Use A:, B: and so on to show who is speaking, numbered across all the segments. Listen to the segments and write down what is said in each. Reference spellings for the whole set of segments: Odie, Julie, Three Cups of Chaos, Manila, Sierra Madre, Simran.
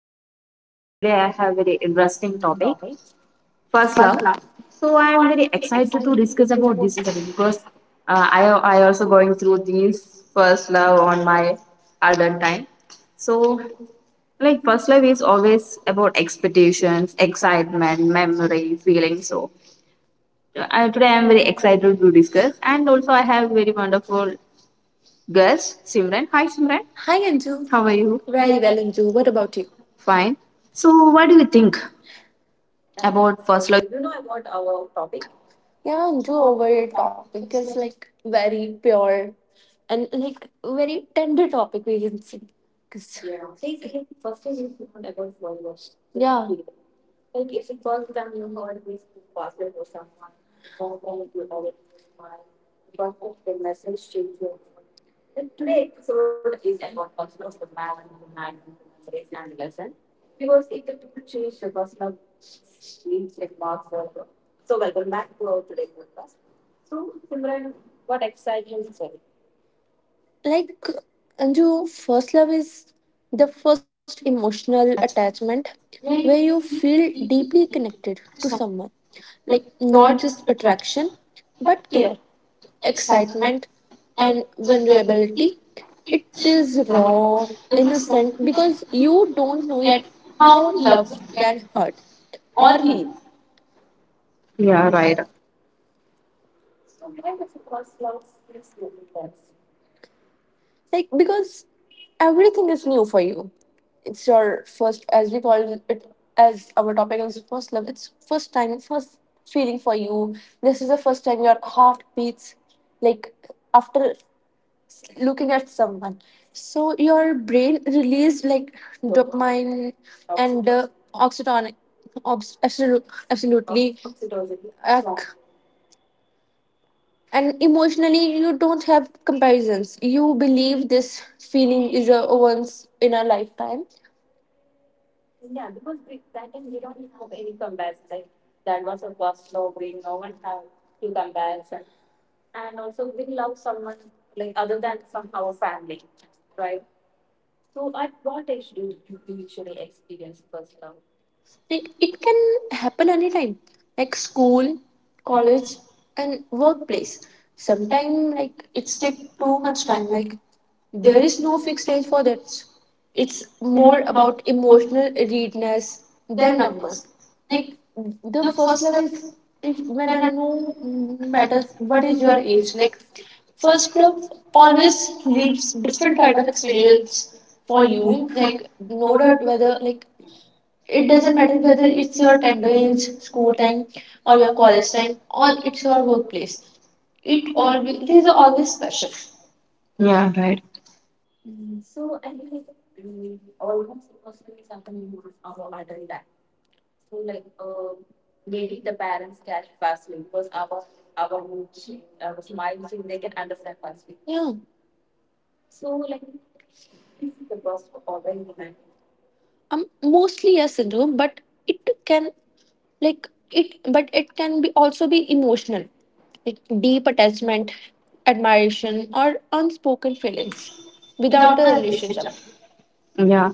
A: podcast. Today I have very interesting topic, first love. So I am very excited to discuss about this topic because I also going through this first love on my adult time. So like first love is always about expectations, excitement, memory, feeling. So today I am very excited to discuss, and also I have very wonderful guest Simran. Hi Simran,
B: Hi Anju, how
A: how
B: are
A: are
B: you?
A: you?
B: Very well, Anju. What about you?
A: Fine. So what do you think? About first love.
B: Yeah, Anju, over your topic is like very pure and like very tender topic we can say. Yeah, basically, first time you found about Yeah, like Anju, first love is the first emotional attachment where you feel deeply connected to someone, like not just attraction but care, excitement, and vulnerability. It is raw, innocent, because you don't know yet how love can hurt or heal.
A: Yeah, right.
B: Like, because everything is new for you. It's your first, as we call it, as our topic is first love. It's first time, first feeling for you. This is the first time your heart beats. Like, after looking at someone so your brain released like dopamine and oxytonic obs- absolu- absolutely. Ac- and emotionally you don't have comparisons, you believe this feeling is a once in a lifetime. Like it can happen anytime, like school, college, and workplace. Sometimes, like it's take too much time. Like there is no fixed age for that. It's more about emotional readiness than numbers. Like the first love is if when I know matters. What is your age? Like first love always leaves different kind of experience for you, like no doubt whether like it doesn't matter whether it's your tender age school time or your college time or it's your workplace, it always it is always special.
A: Yeah, right.
B: Yeah. Mostly a syndrome, but it can, like it but it can be also be emotional, like deep attachment, admiration or unspoken feelings without a relationship.
A: Yeah.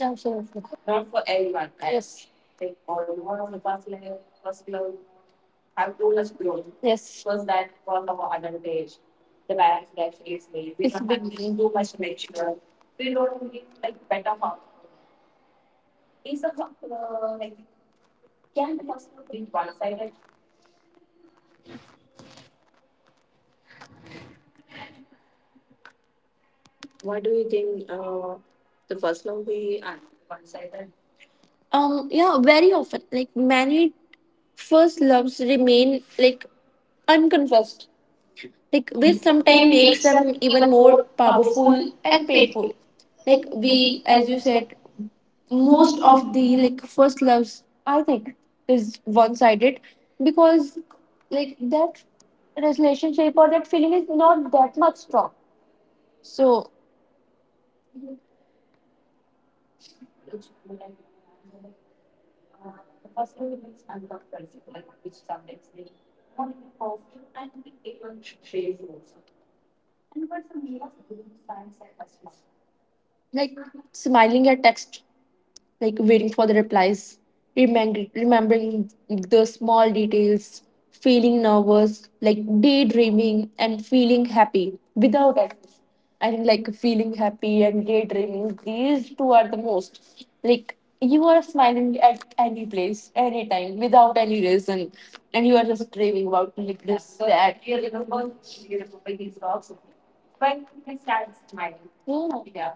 B: Absolutely. Not for everyone, yes. Yes. Was that one of our advantage? The balance that she is easily. We it's don't have big. Too much mature. Yeah. Very often, like many first loves remain like unconfessed. Like this sometimes makes them even more powerful and painful. Like we, as you said, most of the like first loves, I think, is one-sided because like that relationship or that feeling is not that much strong. So like smiling at text, like waiting for the replies, remembering the small details, feeling nervous, like daydreaming and feeling happy without excess. I think like feeling happy and daydreaming, these two are the most. Like you are smiling at any place, anytime, without any reason, and you are just dreaming about like this, that. Yeah.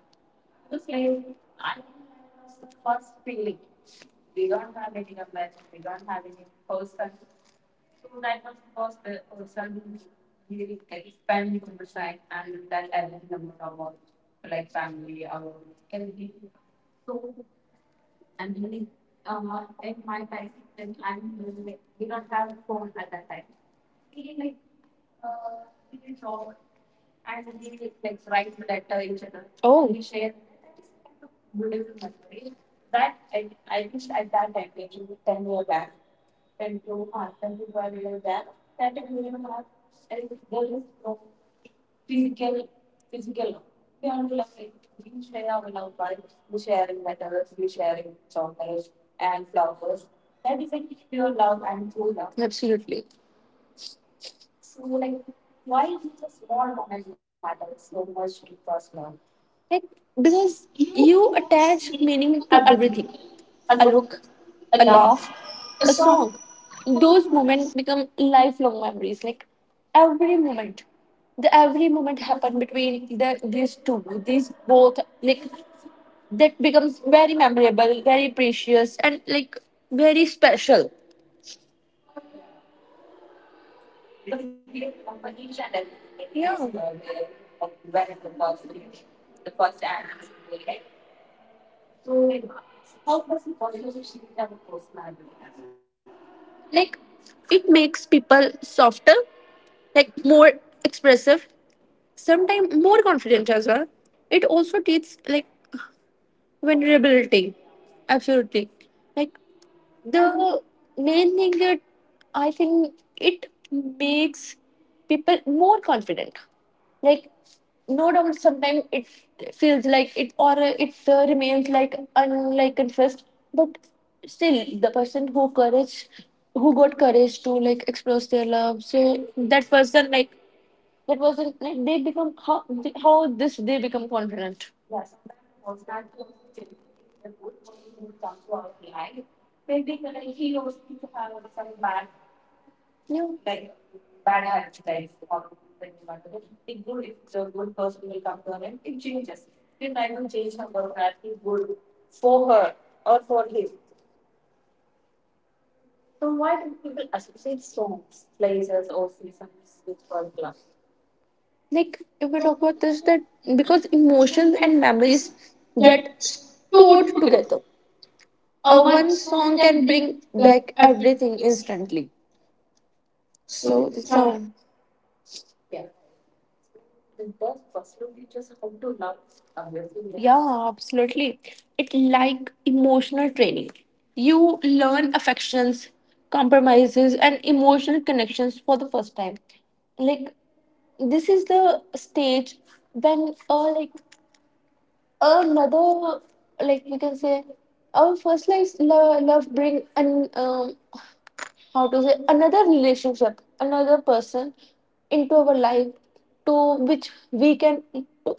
B: Oh. Absolutely. Like because you attach meaning to everything. A look, a laugh, a song. Those moments become lifelong memories. Like every moment. The every moment happened between these two. These both like that becomes very memorable, very precious and like very special. Yeah. Like it makes people softer, like more expressive, sometimes more confident as well. It also teaches like vulnerability. Absolutely. Like the main thing that I think it makes people more confident. Like no doubt, sometimes it feels like it or it remains like un like confessed. But still, the person who courage, who got courage to like express their love, so that person like they become how this they become confident. Yeah. Like if we talk about this that because emotions and memories get stored together, a one song can bring back everything instantly. So that's how, yeah absolutely. It like emotional training, you learn affections, compromises and emotional connections for the first time. Like this is the stage when like, oh, another like we can say our first life love, love bring an how to say another relationship, another person into our life to which we can to,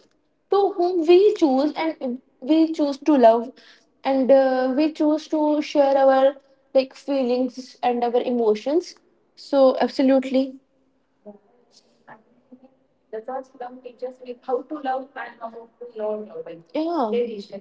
B: to whom we choose and we choose to love and we choose to share our like feelings and our emotions, so absolutely. Yeah.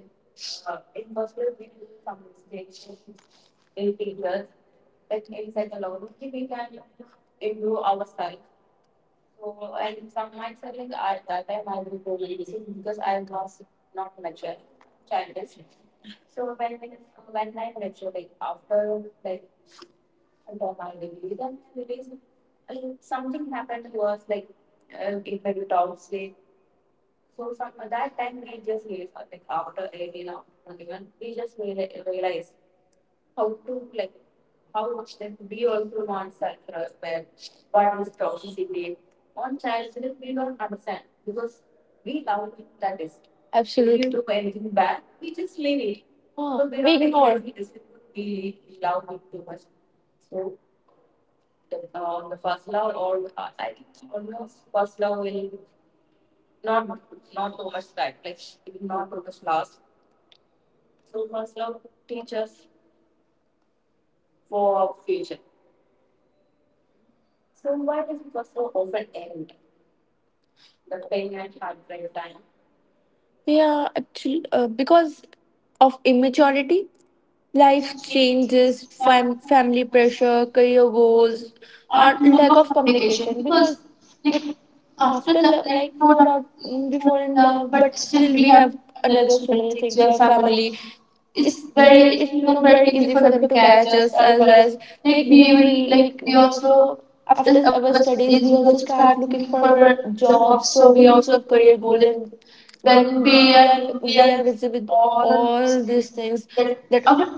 B: Absolutely. We do anything bad, we just leave it. Oh, so there we are many ignore ways. We we love it too much. Yeah, actually, because of immaturity, life changes, family pressure, career goals, or lack of communication. Because, like, after like no doubt before in love but still we have another so many things, we have family, it's very it's become very easy for them to catch us as well as like we will like we also after our studies we also start looking for our jobs, so we also have career goals, and when we are busy with all these things, that our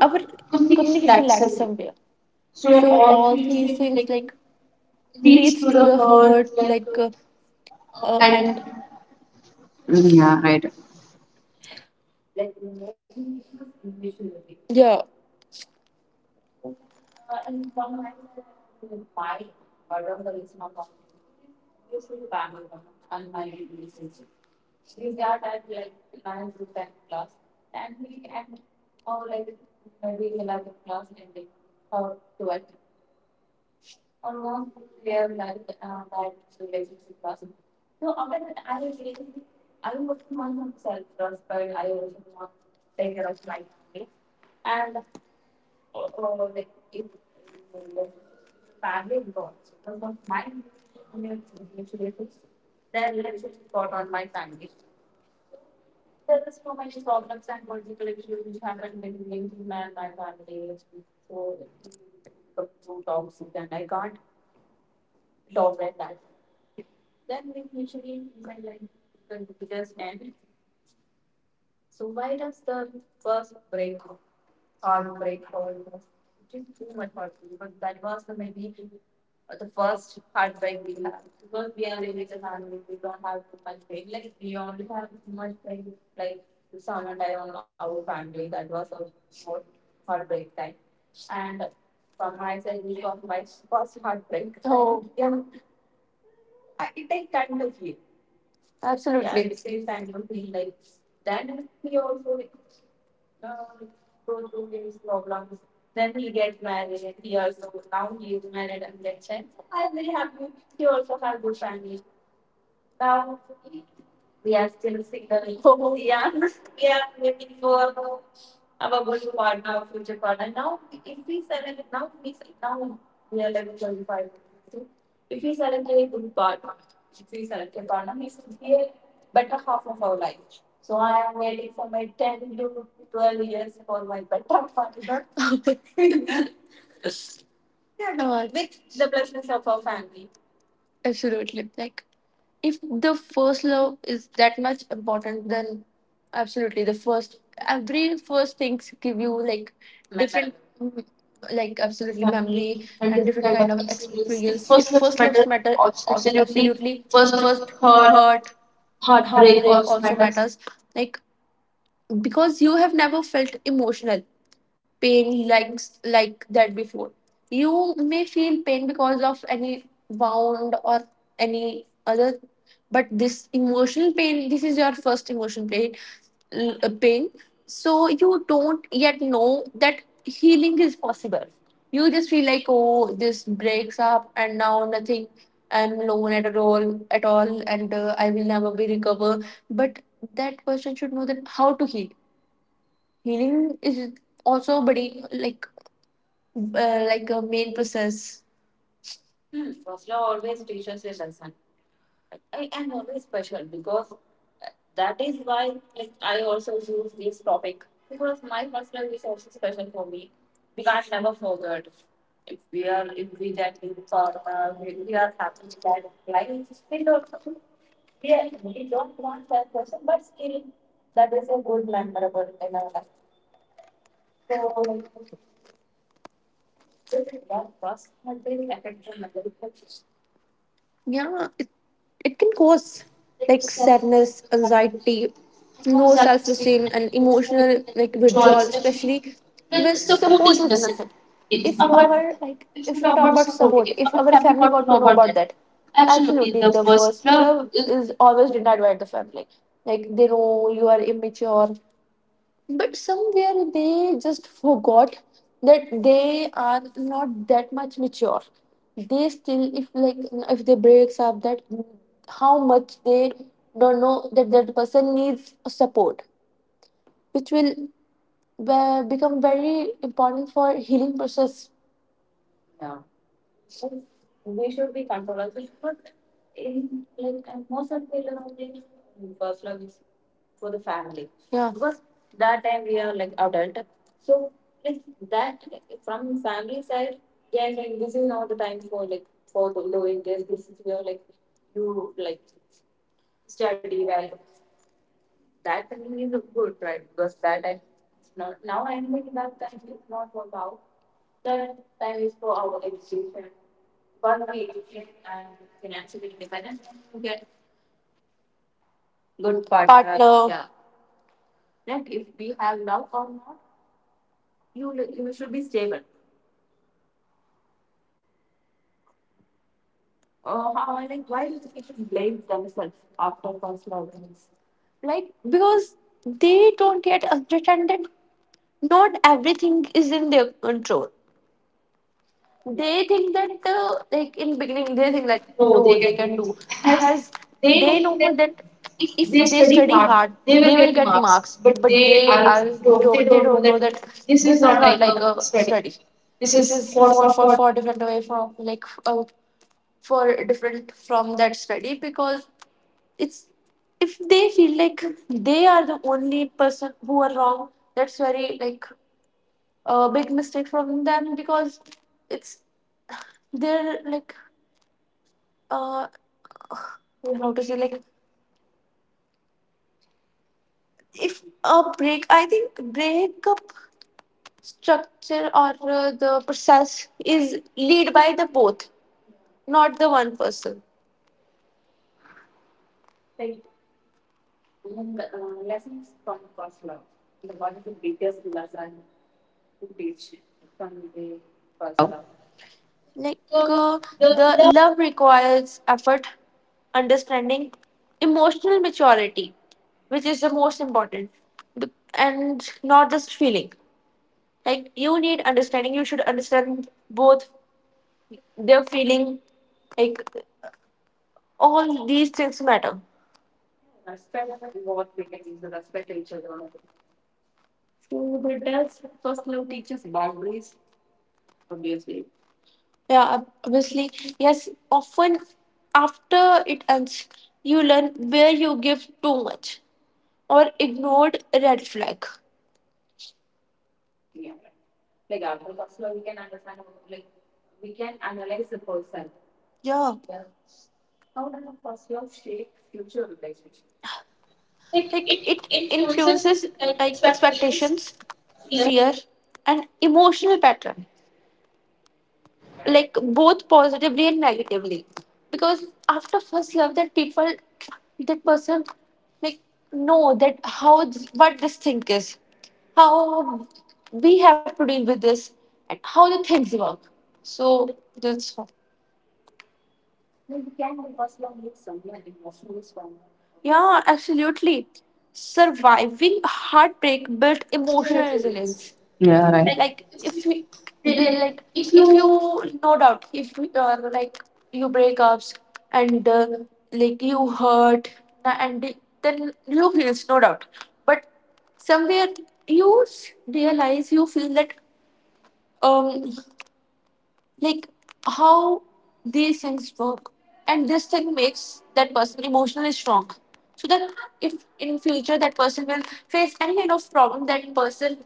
B: communication lacks somewhere, so all these things like leads to the hurt like and
A: Mm, yeah, right.
B: yeah absolutely. Yeah, it's very fine, I yeah, no, absolutely like if the first love is that much important then absolutely the first every first things give you like memory different, mm, like absolutely memory and different kind of experience. If first loves matter, absolutely first hurt heartbreak also matters. Like because you have never felt emotional pain like that before. You may feel pain because of any wound or any other, but this emotional pain, this is your first emotional pain, pain. So you don't yet know that healing is possible. You just feel like, oh, this breaks up and now nothing. I'm alone at all and I will never be recover. But that person should know that how to heal. Healing is also body like a main process. Yeah, it can cause like sadness, anxiety, low self esteem, and emotional like withdrawal, especially when support is missing. If our like if we talk about support, if our family got to know about that, absolutely the first love is always denied by the family. Like they know you are immature, but somewhere they just forgot that they are not that much mature, they still if like if they breaks up that how much they don't know that that person needs support, which will become very important for healing process. Yeah, because that time we are like adult, so like that from family side, yeah, like this is not the time for like for doing this, this is where like you like good partner, partner. Yeah. Like because they don't yet understand that not everything is in their control. They think that like in beginning they think like no they can do has they know that if they study hard they will get marks but they are don't they don't know that this is not like a study, this is for different away from like for different from that study, because it's if they feel like they are the only person who are wrong, that's very like a big mistake from them because it's they're like uh how to say like if a break I think breakup structure or the process is lead by the both, not the one person. Like uh, the love requires effort, understanding, emotional maturity, which is the most important, and not just feeling. Like you need understanding. You should understand both their feeling. Like all these things matter. Yeah, obviously, yes. Often, after it ends, you learn where you give too much or ignored red flag. Yeah. Like it influences like expectations, fear, and emotional pattern. Like both positively and negatively. Because after first love that people that person like know that how what this thing is, how we have to deal with this and how the things work. So that's all. Yeah, absolutely. Surviving heartbreak built emotional resilience.
A: Yeah, right.
B: Like if you they like if you no doubt if you like you break ups and like you hurt and then you feels no doubt, but somewhere you realize you feel that um like how these things work, and this thing makes that person emotionally strong, so that if in future that person will face any kind of problem, that person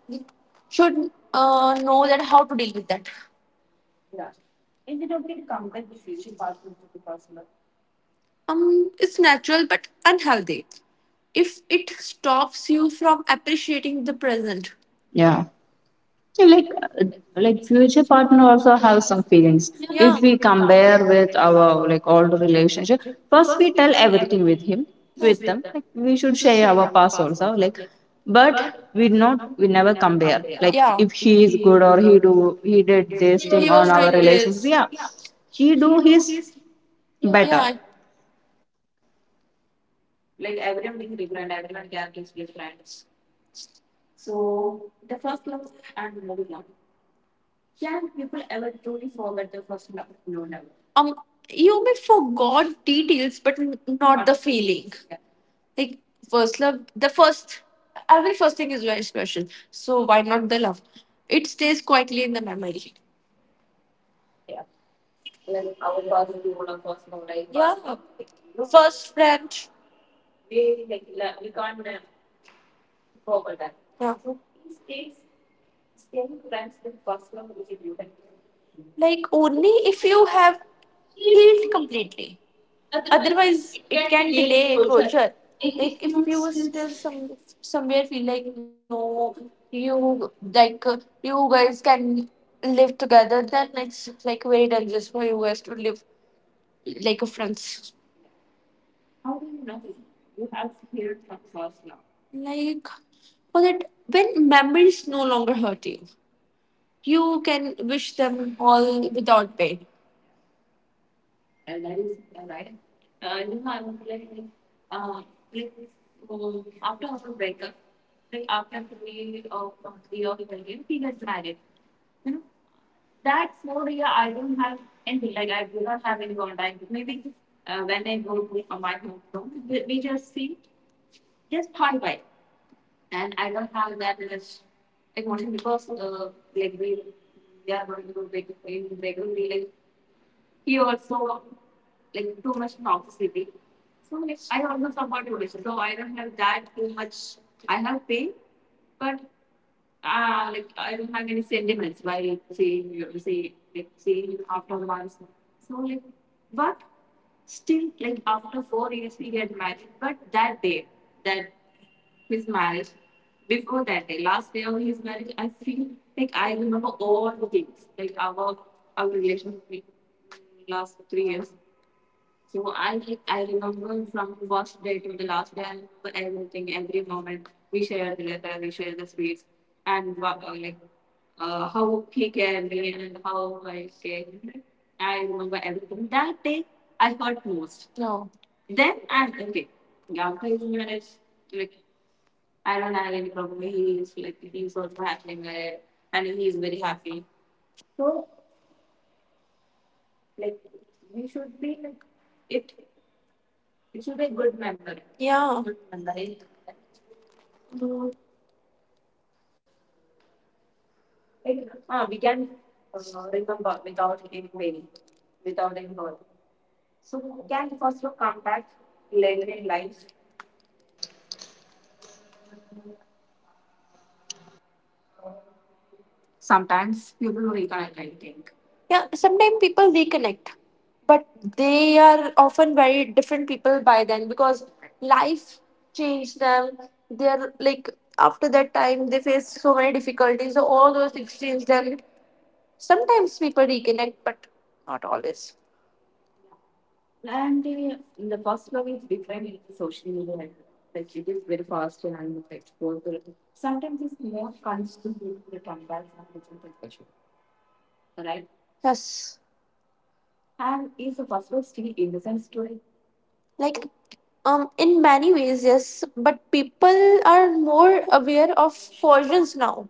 B: should know that how to deal with that. It's natural but unhealthy if it stops you from appreciating the present.
A: Yeah. Yeah, like, uh, like future partner also have some
B: Yeah,
A: feelings. If
B: yeah.
A: we compare with our like old relationship, first we tell everything with him, with them. Like we should share our past also. Like, but we never compare. Like
B: Yeah,
A: if he is good or he did this thing
B: he
A: on
B: was
A: our
B: doing
A: relationship.
B: this.
A: Yeah, he do his better.
B: Yeah, um you may forgot details but not the feeling. Like first love, the first every first thing is very special, so why not the love? It stays quietly in the memory. Yeah, first friend, yeah, like only if you have healed completely. Otherwise, it can delay closure. Like if you still some somewhere feel like no, you like you guys can live together, then it's like very dangerous for you guys to live like a friends. Like, for that, when memories no longer hurt you, you can wish them all without pain. No. So yeah. Yeah, sometimes people reconnect, but they are often very different people by then because life changed them. They're like after that time they face so many difficulties. So all those things change them. Sometimes people reconnect, but not always. Yes, like in many ways, yes. But people are more aware of versions now.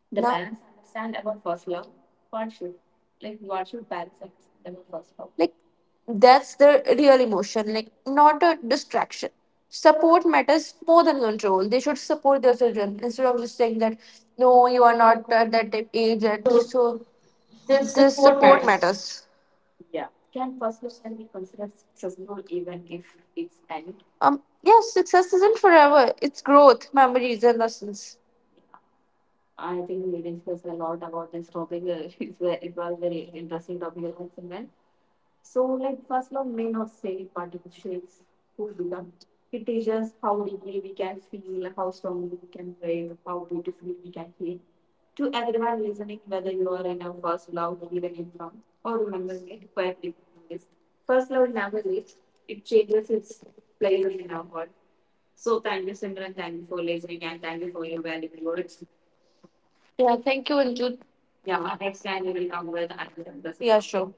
B: The now parents understand about first love? What should, like what should parents understand about first love? Like that's the real emotion, like not a distraction. Support matters more than control. They should support their children instead of just saying that no, you are not at that age yet. So this support matters. Yes, success isn't forever. It's growth, memories and lessons. Yeah, thank you, Anju. Yeah, next time we will come with another. Yeah, sure.